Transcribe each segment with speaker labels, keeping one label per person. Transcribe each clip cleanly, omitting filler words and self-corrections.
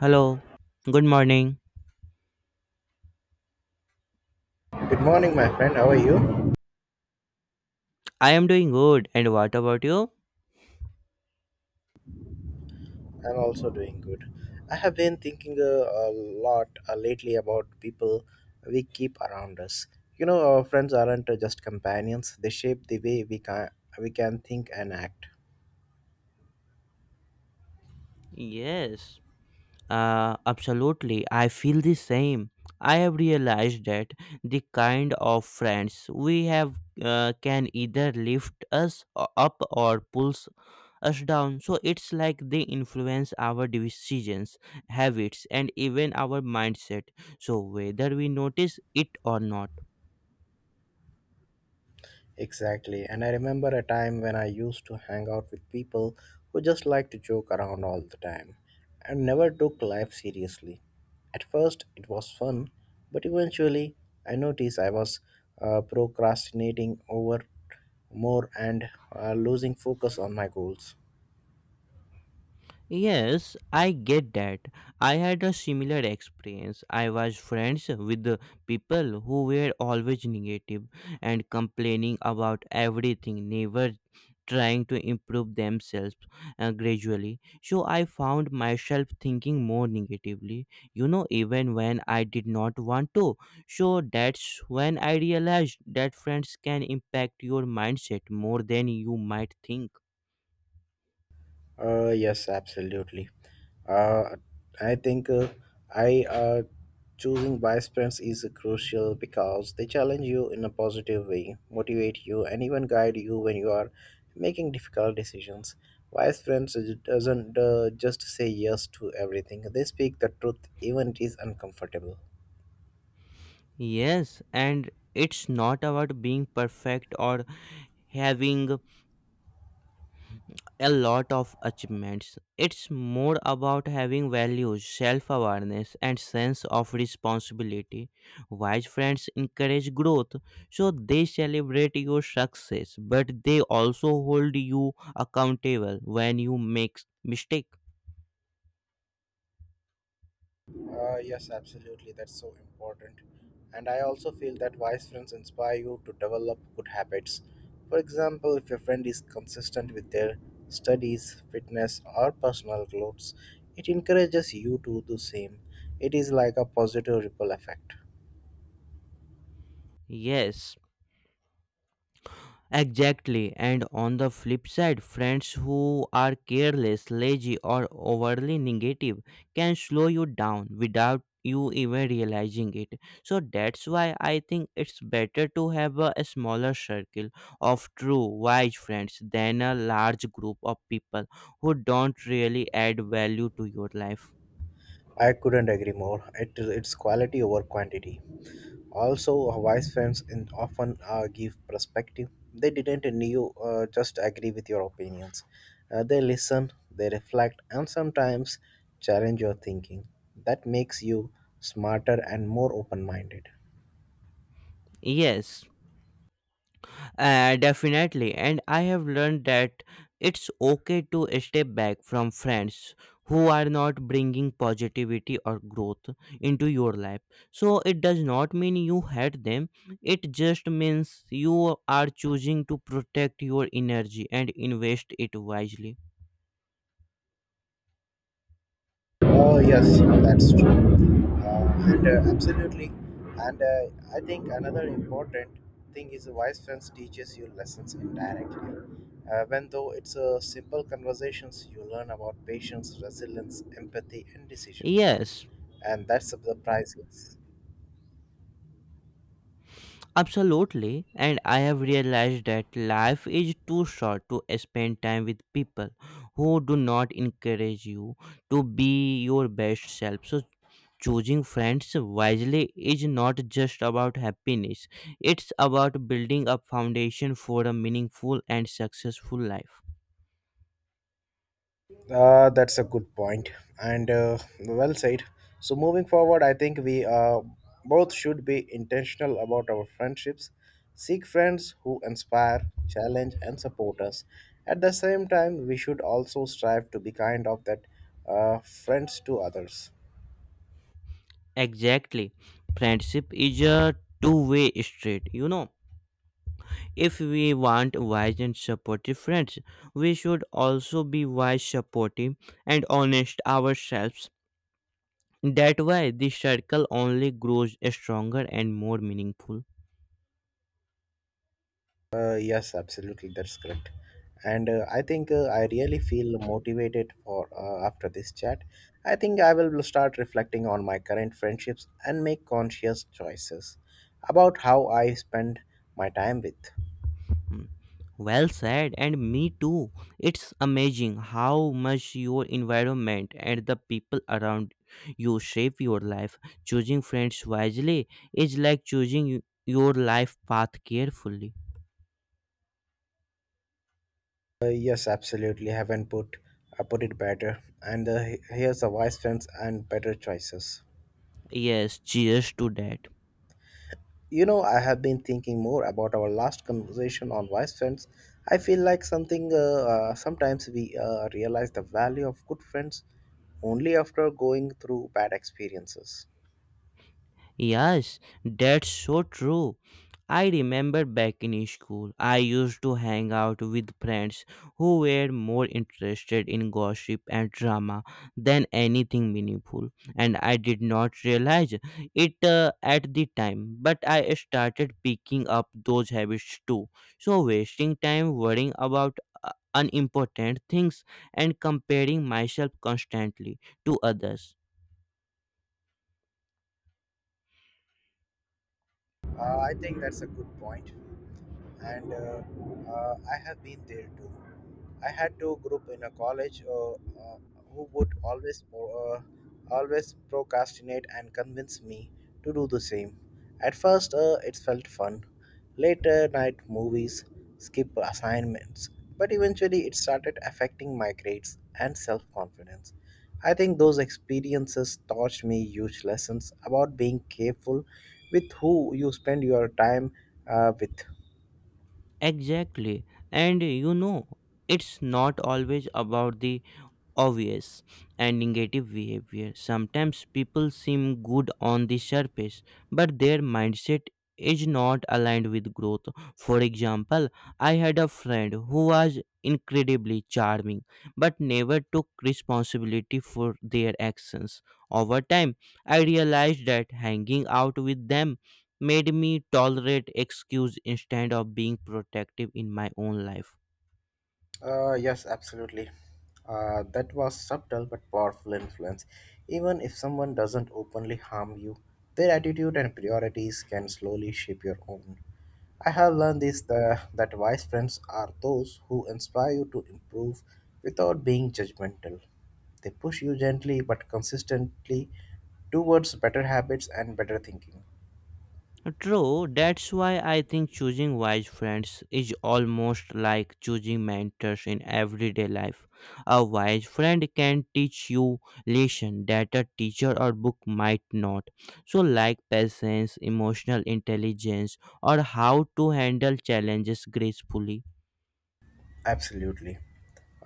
Speaker 1: Hello, good morning.
Speaker 2: Good morning, my friend. How are you?
Speaker 1: I am doing good. And what about you?
Speaker 2: I'm also doing good. I have been thinking a lot lately about people we keep around us. You know, our friends aren't just companions, they shape the way we can think and act.
Speaker 1: Yes, absolutely. I feel the same. I have realized that the kind of friends we have can either lift us up or pulls us down. So it's like they influence our decisions, habits, and even our mindset. So whether we notice it or not.
Speaker 2: Exactly. And I remember a time when I used to hang out with people who just liked to joke around all the time and never took life seriously. At first, it was fun, but eventually, I noticed I was procrastinating over more and losing focus on my goals.
Speaker 1: Yes, I get that. I had a similar experience. I was friends with the people who were always negative and complaining about everything, never trying to improve themselves gradually. So I found myself thinking more negatively, you know, even when I did not want to. So that's when I realized that friends can impact your mindset more than you might think.
Speaker 2: Yes, absolutely. Uh, I think I choosing wise friends is crucial because they challenge you in a positive way, motivate you, and even guide you when you are making difficult decisions. Wise friends is- doesn't just say yes to everything; they speak the truth even it is uncomfortable.
Speaker 1: Yes, and it's not about being perfect or having a lot of achievements. It's more about having values, self awareness, and sense of responsibility. Wise friends encourage growth, so they celebrate your success, but they also hold you accountable when you make mistake.
Speaker 2: Yes, absolutely. That's so important. And I also feel that wise friends inspire you to develop good habits. For example, if your friend is consistent with their studies, fitness, or personal growth, it encourages you to do the same. It is like a positive ripple effect.
Speaker 1: Yes, exactly. And on the flip side, friends who are careless, lazy, or overly negative can slow you down without you even realizing it. So that's why I think it's better to have a smaller circle of true, wise friends than a large group of people who don't really add value to your life.
Speaker 2: I couldn't agree more. It's quality over quantity. Also, our wise friends in often give perspective. They didn't knew, just agree with your opinions. They listen, they reflect, and sometimes challenge your thinking. That makes you smarter and more open minded.
Speaker 1: Yes. Definitely. And I have learned that it's okay to step back from friends who are not bringing positivity or growth into your life. So it does not mean you hate them, it just means you are choosing to protect your energy and invest it wisely.
Speaker 2: Oh yes, that's true, and absolutely. And I think another important thing is a wise friends teaches you lessons indirectly. When though it's a simple conversations, you learn about patience, resilience, empathy, and decision making,
Speaker 1: Yes,
Speaker 2: and that's the priceless.
Speaker 1: absolutely, and I have realized that life is too short to spend time with people who do not encourage you to be your best self. So, choosing friends wisely is not just about happiness, it's about building a foundation for a meaningful and successful life.
Speaker 2: That's a good point, and well said. So moving forward, I think we both should be intentional about our friendships. Seek friends who inspire, challenge, and support us. At the same time, we should also strive to be kind of that friends to others.
Speaker 1: Exactly, friendship is a two-way street, you know. If we want wise and supportive friends, we should also be wise, supportive, and honest ourselves. That way, the circle only grows stronger and more meaningful.
Speaker 2: Yes, absolutely, that's correct. And I think I really feel motivated for after this chat. I think I will start reflecting on my current friendships and make conscious choices about how I spend my time with.
Speaker 1: Hmm. Well said, and me too. It's amazing how much your environment and the people around you shape your life. Choosing friends wisely is like choosing your life path carefully.
Speaker 2: Yes, absolutely, haven't put I put it better. And here's the wise friends and better choices.
Speaker 1: Yes, cheers to that.
Speaker 2: You know, I have been thinking more about our last conversation on wise friends. I feel like something sometimes we realize the value of good friends only after going through bad experiences.
Speaker 1: Yes, that's so true. I remember back in school, I used to hang out with friends who were more interested in gossip and drama than anything meaningful, and I did not realize it at the time, but I started picking up those habits too. So, wasting time worrying about unimportant things and comparing myself constantly to others.
Speaker 2: I think that's a good point, and I have been there too. I had to group in a college who would always uh, always procrastinate and convince me to do the same. At first, it felt fun. Later night movies, skip assignments, but eventually it started affecting my grades and self confidence. I think those experiences taught me huge lessons about being careful with who you spend your time with.
Speaker 1: Exactly. And you know, it's not always about the obvious and negative behavior. Sometimes people seem good on the surface, but their mindset is not aligned with growth. For example, I had a friend who was incredibly charming but never took responsibility for their actions. Over time, I realized that hanging out with them made me tolerate excuse instead of being protective in my own life.
Speaker 2: Yes, absolutely. That was subtle but powerful influence. Even if someone doesn't openly harm you, their attitude and priorities can slowly shape your own. I have learned this the, that wise friends are those who inspire you to improve without being judgmental. They push you gently but consistently towards better habits and better thinking.
Speaker 1: True, that's why I think choosing wise friends is almost like choosing mentors in everyday life. A wise friend can teach you lessons that a teacher or book might not. So like patience, emotional intelligence or how to handle challenges gracefully.
Speaker 2: Absolutely.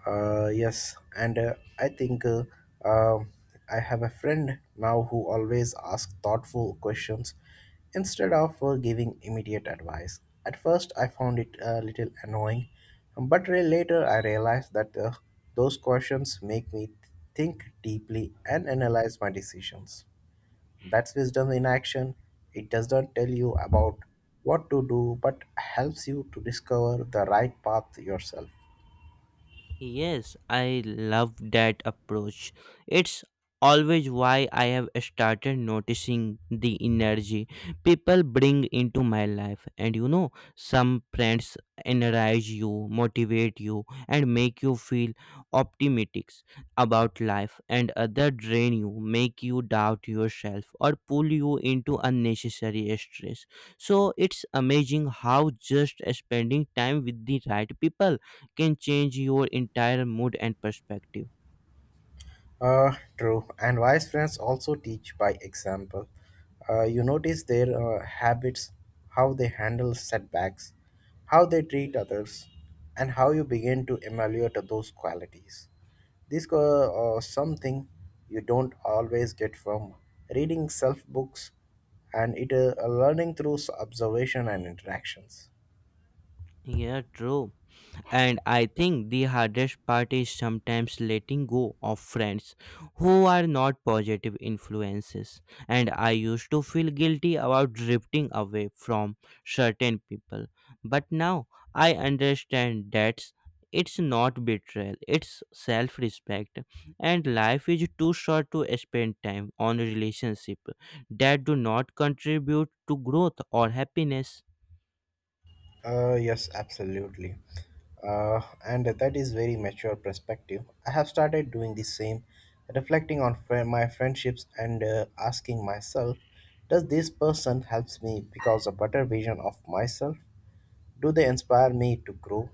Speaker 2: Yes, and I think um I have a friend now who always asks thoughtful questions instead of giving immediate advice. At first, I found it a little annoying, but later I realized that those questions make me think deeply and analyze my decisions. That's wisdom in action. It does not tell you about what to do, but helps you to discover the right path yourself.
Speaker 1: Yes, I love that approach. It's always why I have started noticing the energy people bring into my life. And you know, some friends energize you, motivate you, and make you feel optimistic about life, and others drain you, make you doubt yourself, or pull you into unnecessary stress. So it's amazing how just spending time with the right people can change your entire mood and perspective.
Speaker 2: Uh, true. And wise friends also teach by example. You notice their habits, how they handle setbacks, how they treat others, and how you begin to emulate those qualities. This something you don't always get from reading self books, and it learning through observation and interactions.
Speaker 1: Yeah, true. And I think the hardest part is sometimes letting go of friends who are not positive influences. And I used to feel guilty about drifting away from certain people. But now I understand that it's not betrayal, it's self respect. And life is too short to spend time on relationships that do not contribute to growth or happiness.
Speaker 2: Yes, absolutely. And that is very mature perspective. I have started doing the same, reflecting on fri my friendships and asking myself, does this person helps me because a better vision of myself? Do they inspire me to grow?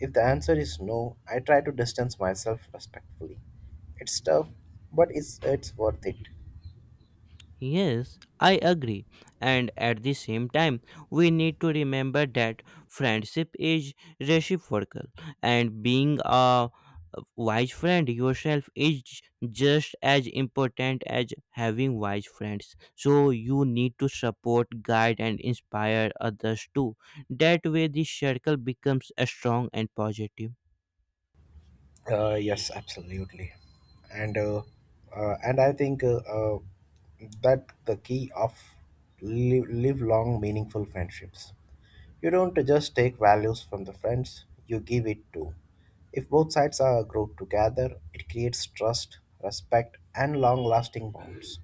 Speaker 2: If the answer is no, I try to distance myself respectfully. It's tough, but it's worth it.
Speaker 1: Yes, I agree. And at the same time, we need to remember that friendship is reciprocal, and being a wise friend yourself is just as important as having wise friends. So, you need to support, guide, and inspire others too. That way, the circle becomes strong and positive.
Speaker 2: Yes, absolutely, and uh, and I think that the key of live, live long, meaningful friendships. You don't just take values from the friends; you give it too. If both sides are grow together, it creates trust, respect, and long-lasting bonds.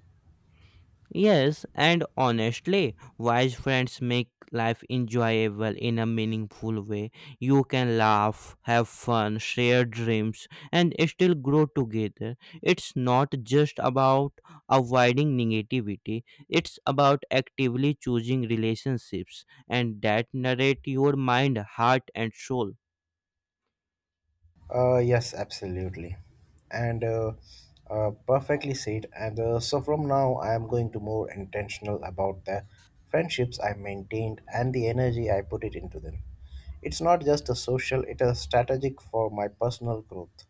Speaker 1: Yes, and honestly, wise friends make life enjoyable in a meaningful way. You can laugh, have fun, share dreams, and still grow together. It's not just about avoiding negativity, it's about actively choosing relationships and that narrate your mind, heart, and soul.
Speaker 2: Yes, absolutely. And perfectly said. And So from now, I am going to more intentional about the friendships I maintained and the energy I put it into them. It's not just a social, it is strategic for my personal growth.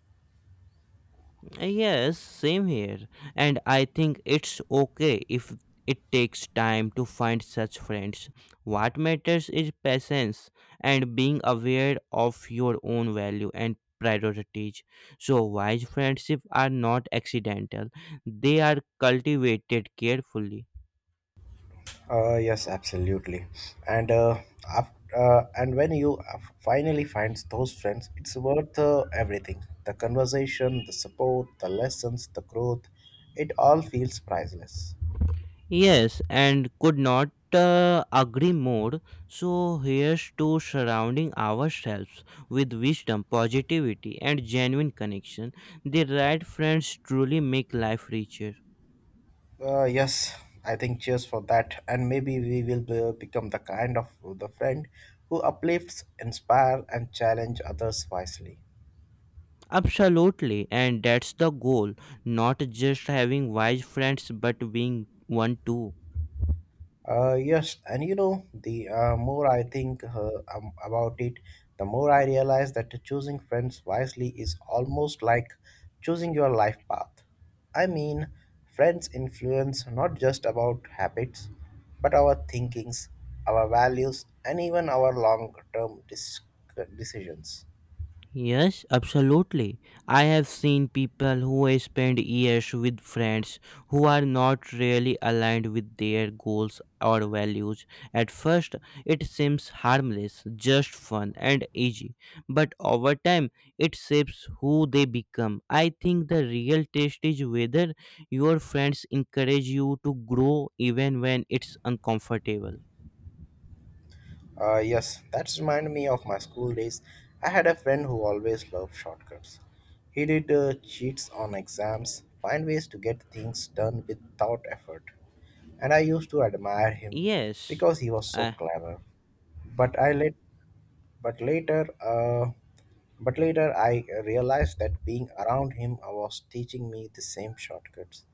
Speaker 1: Yes, same here. And I think it's okay if it takes time to find such friends. What matters is patience and being aware of your own value and priorities. So, wise friendships are not accidental, they are cultivated carefully.
Speaker 2: Yes, absolutely. And uh, af- and when you af- finally find those friends, it's worth everything. The conversation, the support, the lessons, the growth, it all feels priceless.
Speaker 1: Yes, and could not agree more. So, here's to surrounding ourselves with wisdom, positivity, and genuine connection. The right friends truly make life richer.
Speaker 2: Yes, I think cheers for that. And maybe we will become the kind of the friend who uplifts, inspire, and challenge others wisely.
Speaker 1: Absolutely, and that's the goal, not just having wise friends, but being one too.
Speaker 2: Yes, and you know, the more I think about it, the more I realize that choosing friends wisely is almost like choosing your life path. I mean, friends influence not just about habits, but our thinkings, our values, and even our long term decisions.
Speaker 1: Yes, absolutely. I have seen people who spend years with friends who are not really aligned with their goals or values. At first, it seems harmless, just fun and easy, but over time, it shapes who they become. I think the real test is whether your friends encourage you to grow even when it's uncomfortable.
Speaker 2: Yes, that reminded me of my school days. I had a friend who always loved shortcuts. He did cheats on exams, find ways to get things done without effort. And I used to admire him
Speaker 1: Yes.
Speaker 2: because he was so clever. But I let but later, uh, but later I realized that being around him was teaching me the same shortcuts,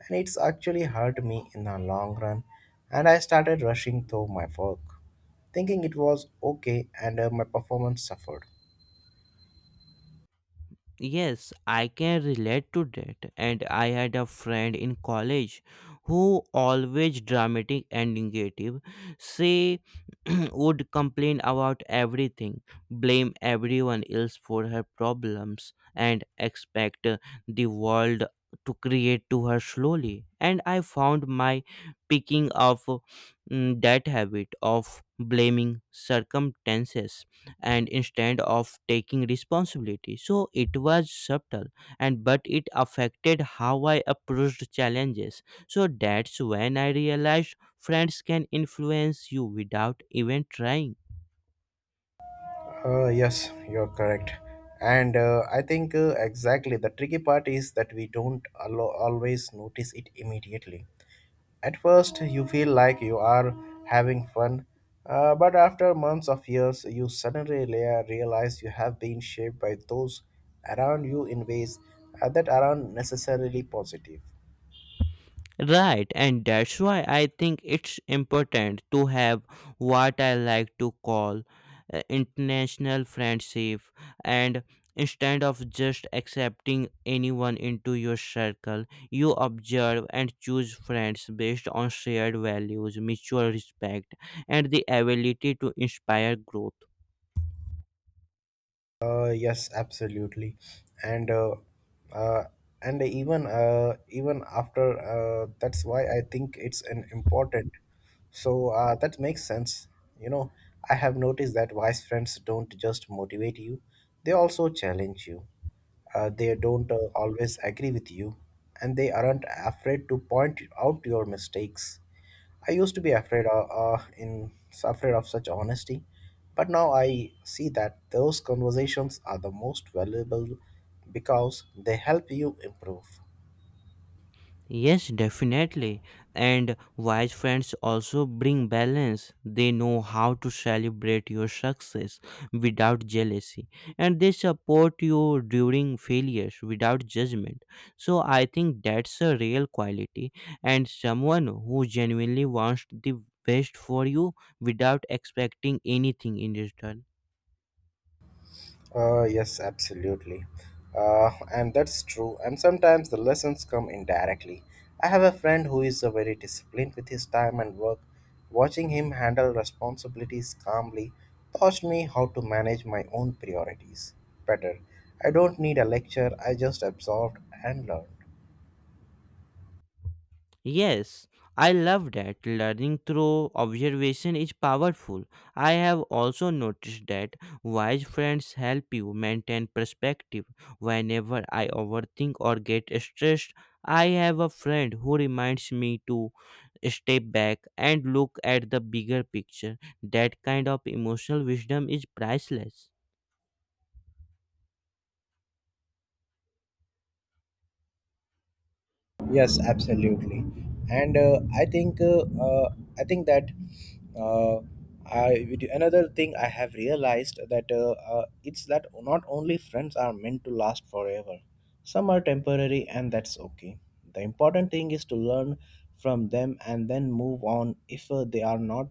Speaker 2: and it's actually hurt me in the long run. And I started rushing through my work, thinking it was okay, and my performance suffered.
Speaker 1: Yes, I can relate to that. And I had a friend in college who always dramatic and negative. Say would complain about everything, blame everyone else for her problems, and expect the world to create to her slowly. And I found my picking up that habit of blaming circumstances and instead of taking responsibility, so it was subtle and but it affected how I approached challenges. So that's when I realized friends can influence you without even trying.
Speaker 2: Yes, you're correct. And I think exactly the tricky part is that we don't always notice it immediately. At first, you feel like you are having fun, but after months of years, you suddenly realize you have been shaped by those around you in ways that aren't necessarily positive.
Speaker 1: Right, and that's why I think it's important to have what I like to call international friendship and instead of just accepting anyone into your circle, you observe and choose friends based on shared values, mutual respect, and the ability to inspire growth.
Speaker 2: Yes, absolutely, and uh, uh, and even after that's why I think it's an important. So that makes sense. You know, I have noticed that wise friends don't just motivate you; they also challenge you. They don't always agree with you, and they aren't afraid to point out your mistakes. I used to be afraid of, in afraid of such honesty, but now I see that those conversations are the most valuable because they help you improve.
Speaker 1: Yes, definitely. And wise friends also bring balance. They know how to celebrate your success without jealousy and they support you during failures without judgment. So I think that's a real quality and someone who genuinely wants the best for you without expecting anything in return.
Speaker 2: Yes, absolutely. And that's true. And sometimes the lessons come indirectly. I have a friend who is very disciplined with his time and work. Watching him handle responsibilities calmly taught me how to manage my own priorities better. I don't need a lecture, I just absorbed and learned.
Speaker 1: Yes, I love that. Learning through observation is powerful. I have also noticed that wise friends help you maintain perspective. Whenever I overthink or get stressed, I have a friend who reminds me to step back and look at the bigger picture. That kind of emotional wisdom is priceless.
Speaker 2: Yes, absolutely, and I think that uh, another thing I have realized that it's that not only friends are meant to last forever. Some are temporary, and that's okay. The important thing is to learn from them and then move on if they are not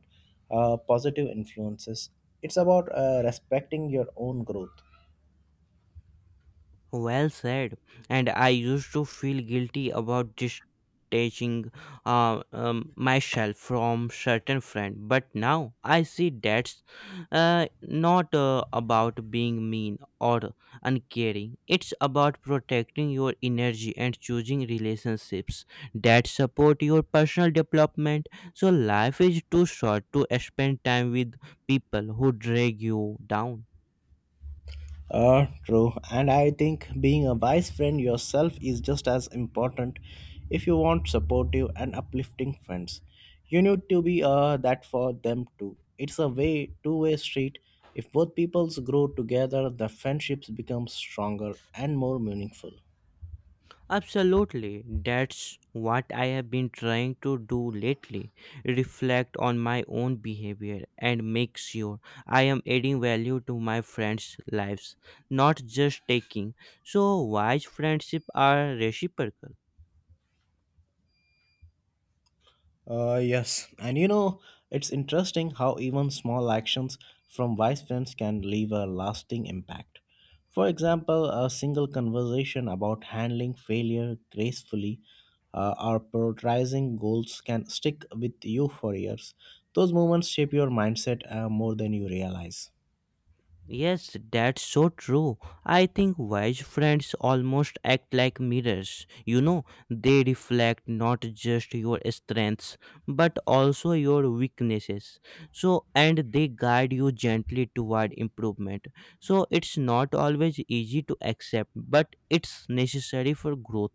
Speaker 2: positive influences. It's about respecting your own growth.
Speaker 1: Well said. And I used to feel guilty about distancing myself from certain friend, but now I see that's not about being mean or uncaring. It's about protecting your energy and choosing relationships that support your personal development. So life is too short to spend time with people who drag you down.
Speaker 2: True. And I think being a wise friend yourself is just as important if you want supportive and uplifting friends. You need to be that for them too. It's a way two-way street. If both peoples grow together, the friendships become stronger and more meaningful.
Speaker 1: Absolutely. That's what I have been trying to do lately. Reflect on my own behavior and make sure I am adding value to my friends' lives, not just taking. So, wise friendships are reciprocal.
Speaker 2: Yes, and you know, it's interesting how even small actions from wise friends can leave a lasting impact. For example, a single conversation about handling failure gracefully or prioritizing goals can stick with you for years. Those moments shape your mindset more than you realize.
Speaker 1: Yes, that's so true. I think wise friends almost act like mirrors. You know, they reflect not just your strengths, but also your weaknesses. So, and they guide you gently toward improvement. So, it's not always easy to accept, but it's necessary for growth.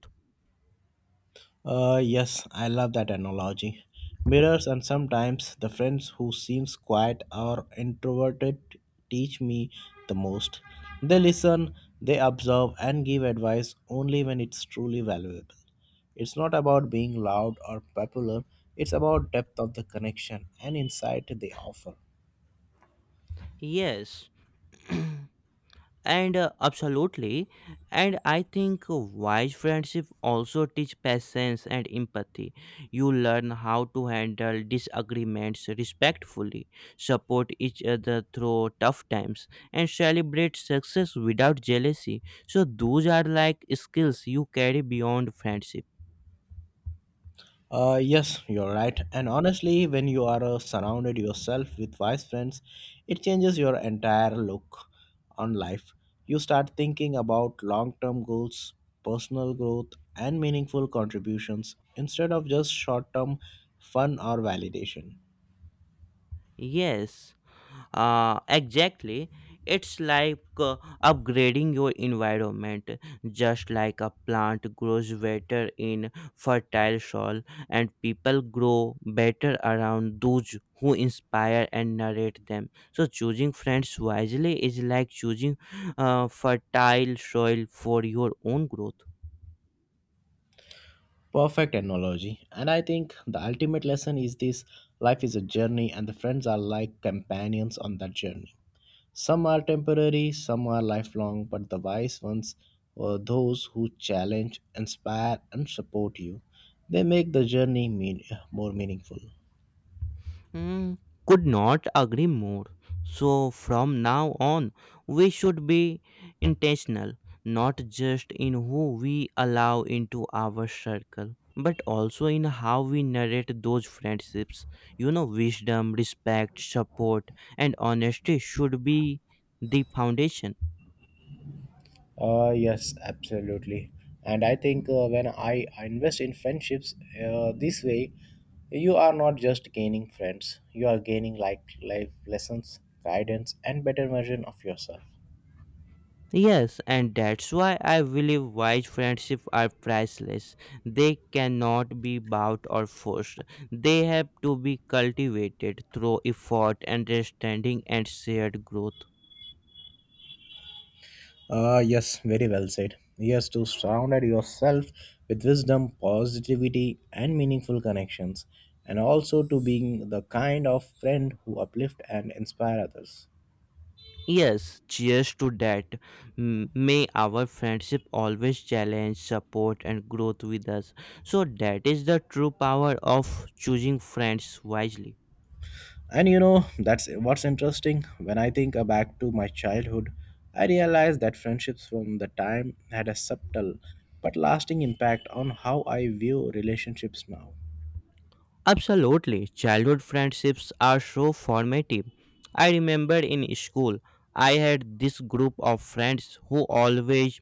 Speaker 2: Yes, I love that analogy. Mirrors and sometimes the friends who seems quiet or introverted teach me the most. They listen, they observe and give advice only when it's truly valuable. It's not about being loud or popular, it's about depth of the connection and insight they offer.
Speaker 1: Yes. And absolutely, and I think wise friendship also teach patience and empathy. You learn how to handle disagreements respectfully, support each other through tough times, and celebrate success without jealousy. So those are like skills you carry beyond friendship.
Speaker 2: Yes, you're right. And honestly, when you are surrounded yourself with wise friends, it changes your entire look on life. You start thinking about long term goals, personal growth, and meaningful contributions instead of just short term fun or validation.
Speaker 1: Yes, exactly. It's like upgrading your environment, just like a plant grows better in fertile soil and people grow better around those who inspire and narrate them. So choosing friends wisely is like choosing fertile soil for your own growth.
Speaker 2: Perfect analogy. And I think the ultimate lesson is this life is a journey, and the friends are like companions on that journey. Some are temporary, some are lifelong, but the wise ones are those who challenge, inspire, and support you. They make the more meaningful.
Speaker 1: Mm, could not agree more. So, from now on, we should be intentional, not just in who we allow into our circle, but also in how we narrate those friendships. You know, wisdom, respect, support, and honesty should be the foundation.
Speaker 2: Yes, absolutely. And I think when I invest in friendships this way, you are not just gaining friends, you are gaining like life lessons, guidance, and better version of yourself.
Speaker 1: Yes, and that's why I believe wise friendships are priceless. They cannot be bought or forced. They have to be cultivated through effort, understanding, and shared growth.
Speaker 2: Yes, very well said. Yes, to surround yourself with wisdom, positivity, and meaningful connections, and also to being the kind of friend who uplift and inspire others.
Speaker 1: Yes, cheers to that. May our friendship always challenge, support, and growth with us. So, that is the true power of choosing friends wisely.
Speaker 2: And you know, that's what's interesting. When I think back to my childhood, I realized that friendships from the time had a subtle but lasting impact on how I view relationships now.
Speaker 1: Absolutely. Childhood friendships are so formative. I remember in school, I had this group of friends who always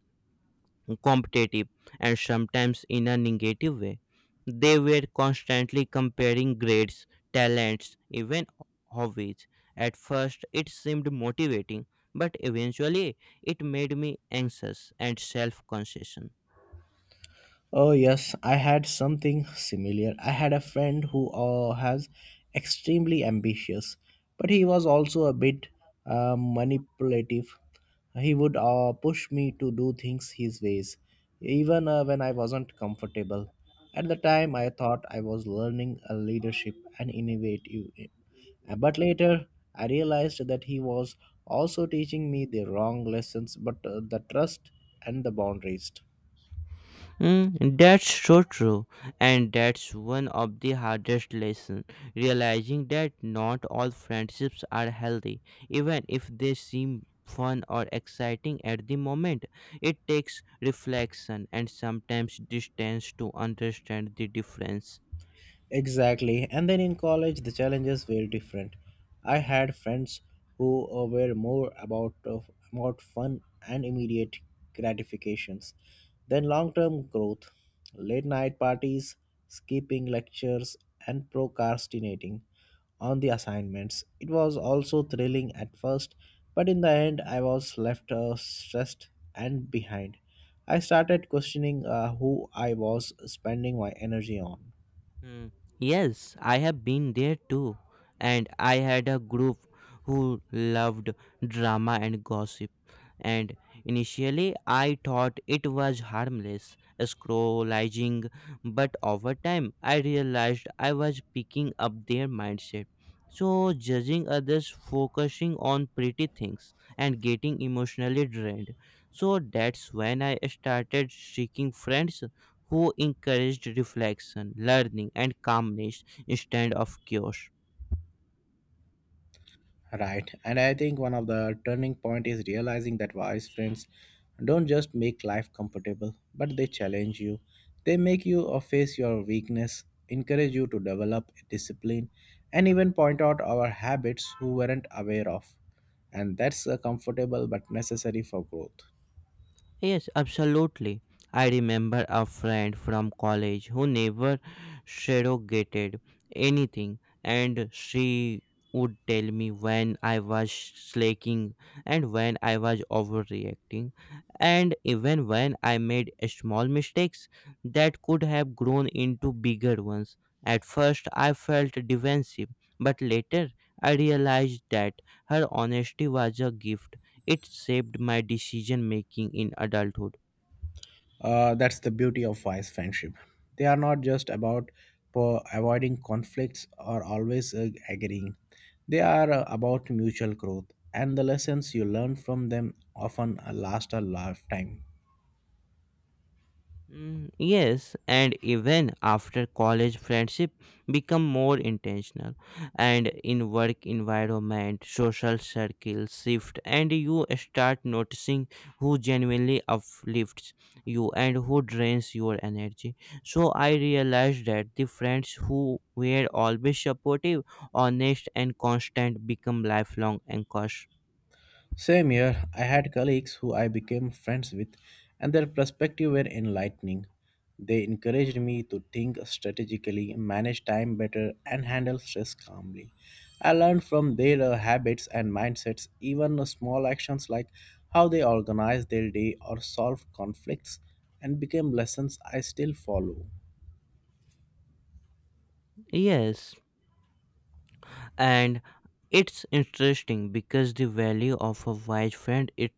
Speaker 1: competitive and sometimes in a negative way. They were constantly comparing grades, talents, even hobbies. At first, it seemed motivating, but eventually, it made me anxious and self conscious.
Speaker 2: Oh, yes, I had something similar. I had a friend who has extremely ambitious, but he was also a bit manipulative. He would push me to do things his ways, even when I wasn't comfortable. At the time, I thought I was learning a leadership and innovative, but later I realized that he was also teaching me the wrong lessons, but the trust and the boundaries.
Speaker 1: Mm, that's so true, and that's one of the hardest lessons. Realizing that not all friendships are healthy, even if they seem fun or exciting at the moment. It takes reflection and sometimes distance to understand the difference.
Speaker 2: Exactly. And then in college, the challenges were different. I had friends who were more about about fun and immediate gratifications than long-term growth. Late night parties, skipping lectures, and procrastinating on the assignments. It was also thrilling at first, but in the end, I was left stressed and behind. I started questioning who I was spending my energy on.
Speaker 1: Hmm. Yes, I have been there too, and I had a group who loved drama and gossip. And initially, I thought it was harmless, scrollizing, but over time, I realized I was picking up their mindset. So, judging others, focusing on pretty things, and getting emotionally drained. So, that's when I started seeking friends who encouraged reflection, learning, and calmness instead of chaos.
Speaker 2: Right. And I think one of the turning point is realizing that wise friends don't just make life comfortable, but they challenge you. They make you face your weakness, encourage you to develop discipline, and even point out our habits who weren't aware of. And that's comfortable but necessary for growth.
Speaker 1: Yes, absolutely. I remember a friend from college who never surrogated anything, and she would tell me when I was slacking and when I was overreacting, and even when I made small mistakes that could have grown into bigger ones. At first, I felt defensive, but later I realized that her honesty was a gift, it shaped my decision making in adulthood.
Speaker 2: That's the beauty of wise friendship. They are not just about avoiding conflicts or always agreeing. They are about mutual growth, and the lessons you learn from them often last a lifetime.
Speaker 1: Mm, yes, and even after college, friendship become more intentional, and in work environment, social circles shift, and you start noticing who genuinely uplifts you and who drains your energy. So I realized that the friends who were always supportive, honest, and constant become lifelong anchors.
Speaker 2: Same year, I had colleagues who I became friends with, and their perspective were enlightening. They encouraged me to think strategically, manage time better, and handle stress calmly. I learned from their habits and mindsets, even small actions like how they organize their day or solve conflicts, and became lessons I still follow.
Speaker 1: Yes, and it's interesting because the value of a wise friend, it's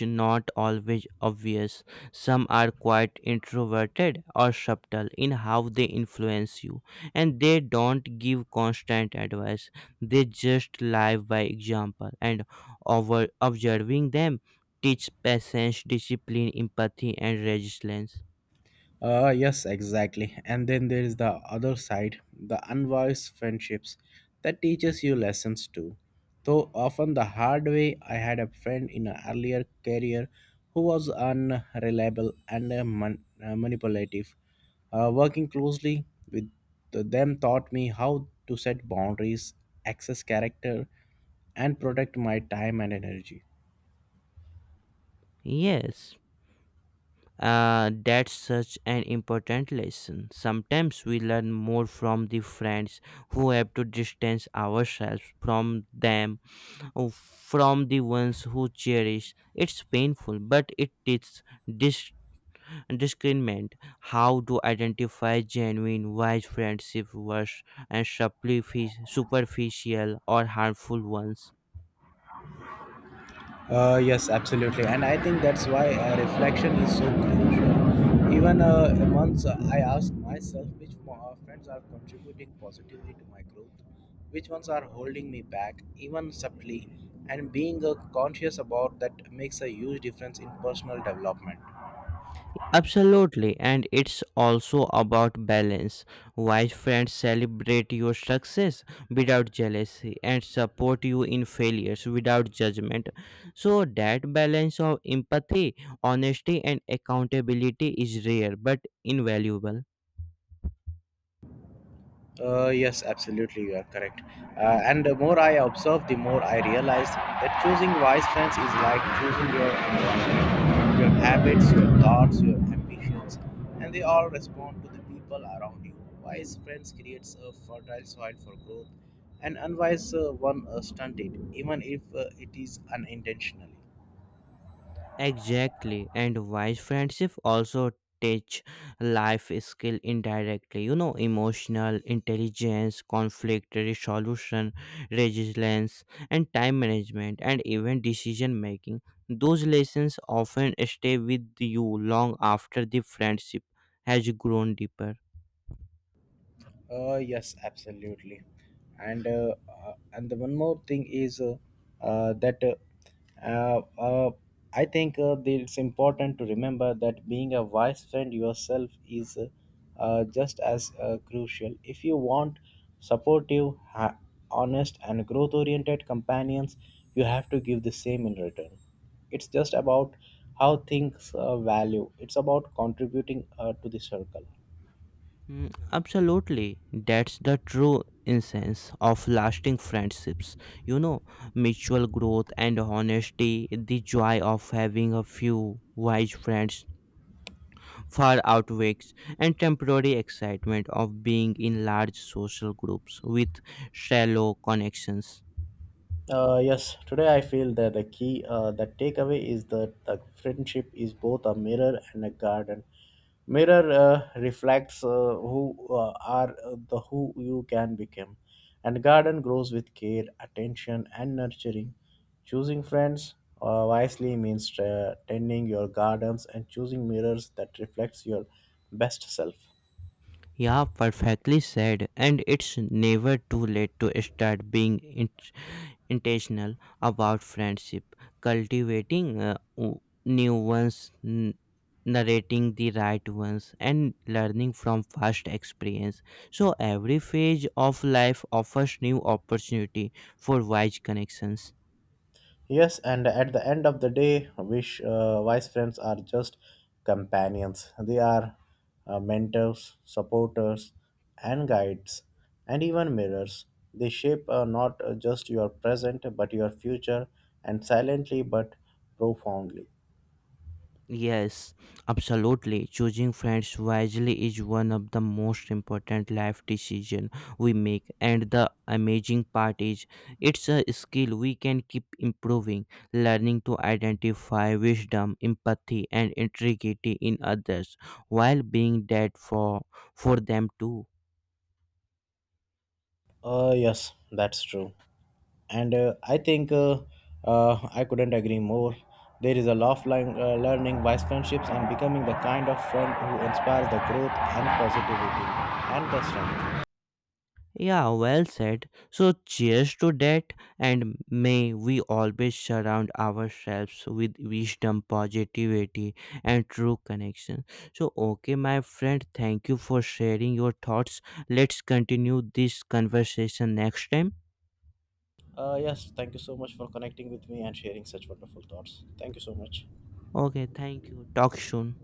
Speaker 1: not always obvious. Some are quite introverted or subtle in how they influence you, and they don't give constant advice. They just live by example, and over observing them teach patience, discipline, empathy, and resilience.
Speaker 2: Yes, exactly. And then there is the other side, the unwise friendships that teaches you lessons too. Though often the hard way, I had a friend in an earlier career who was unreliable and manipulative. Working closely with them taught me how to set boundaries, access character, and protect my time and energy.
Speaker 1: Yes. That's such an important lesson. Sometimes we learn more from the friends who have to distance ourselves from them, or from the ones who cherish. It's painful, but it teaches dis- discernment, how to identify genuine, wise friendship versus and superficial or harmful ones.
Speaker 2: Yes, absolutely, and I think that's why reflection is so crucial. Even once I ask myself which friends are contributing positively to my growth, which ones are holding me back, even subtly, and being conscious about that makes a huge difference in personal development.
Speaker 1: Absolutely, and it's also about balance. Wise friends celebrate your success without jealousy and support you in failures without judgment. So, that balance of empathy, honesty, and accountability is rare but invaluable.
Speaker 2: Yes, absolutely, you are correct. And the more I observe, the more I realize that choosing wise friends is like choosing your environment, your habits, your thoughts, your ambitions, and they all respond to the people around you. Wise friends creates a fertile soil for growth, and unwise one stunted, even if it is unintentionally.
Speaker 1: Exactly, and wise friendship also teach life skill indirectly. You know, emotional intelligence, conflict resolution, resilience, and time management, and even decision making. Those lessons often stay with you long after the friendship has grown deeper.
Speaker 2: Yes, absolutely. And the one more thing is that uh, uh, I think that it's important to remember that being a wise friend yourself is just as crucial. If you want supportive, honest, and growth-oriented companions, you have to give the same in return. It's just about how things value. It's about contributing to the circle.
Speaker 1: Mm, absolutely. That's the true essence of lasting friendships. You know, mutual growth and honesty, the joy of having a few wise friends far outweighs and temporary excitement of being in large social groups with shallow connections.
Speaker 2: Yes, today I feel that the key, the takeaway is that the friendship is both a mirror and a garden. Mirror reflects who are the who you can become, and garden grows with care, attention, and nurturing. Choosing friends wisely means tending your gardens and choosing mirrors that reflects your best self.
Speaker 1: Yeah, perfectly said. And it's never too late to start being in. Intentional about friendship, cultivating new ones, narrating the right ones, and learning from past experience. So every phase of life offers new opportunity for wise connections.
Speaker 2: Yes, and at the end of the day, wish wise friends are just companions. They are mentors, supporters, and guides, and even mirrors. They shape not just your present but your future, and silently but profoundly.
Speaker 1: Yes, absolutely. Choosing friends wisely is one of the most important life decision we make, and the amazing part is it's a skill we can keep improving, learning to identify wisdom, empathy and integrity in others while being that for them too.
Speaker 2: Yes, that's true. And I couldn't agree more. There is a love line, learning wise friendships and becoming the kind of friend who inspires the growth and positivity and the strength.
Speaker 1: Yeah, well said. So, cheers to that, and may we always surround ourselves with wisdom, positivity, and true connection. So, okay, my friend, thank you for sharing your thoughts. Let's continue this conversation next time.
Speaker 2: Yes, thank you so much for connecting with me and sharing such wonderful thoughts. Thank you so much.
Speaker 1: Okay, thank you. Talk soon.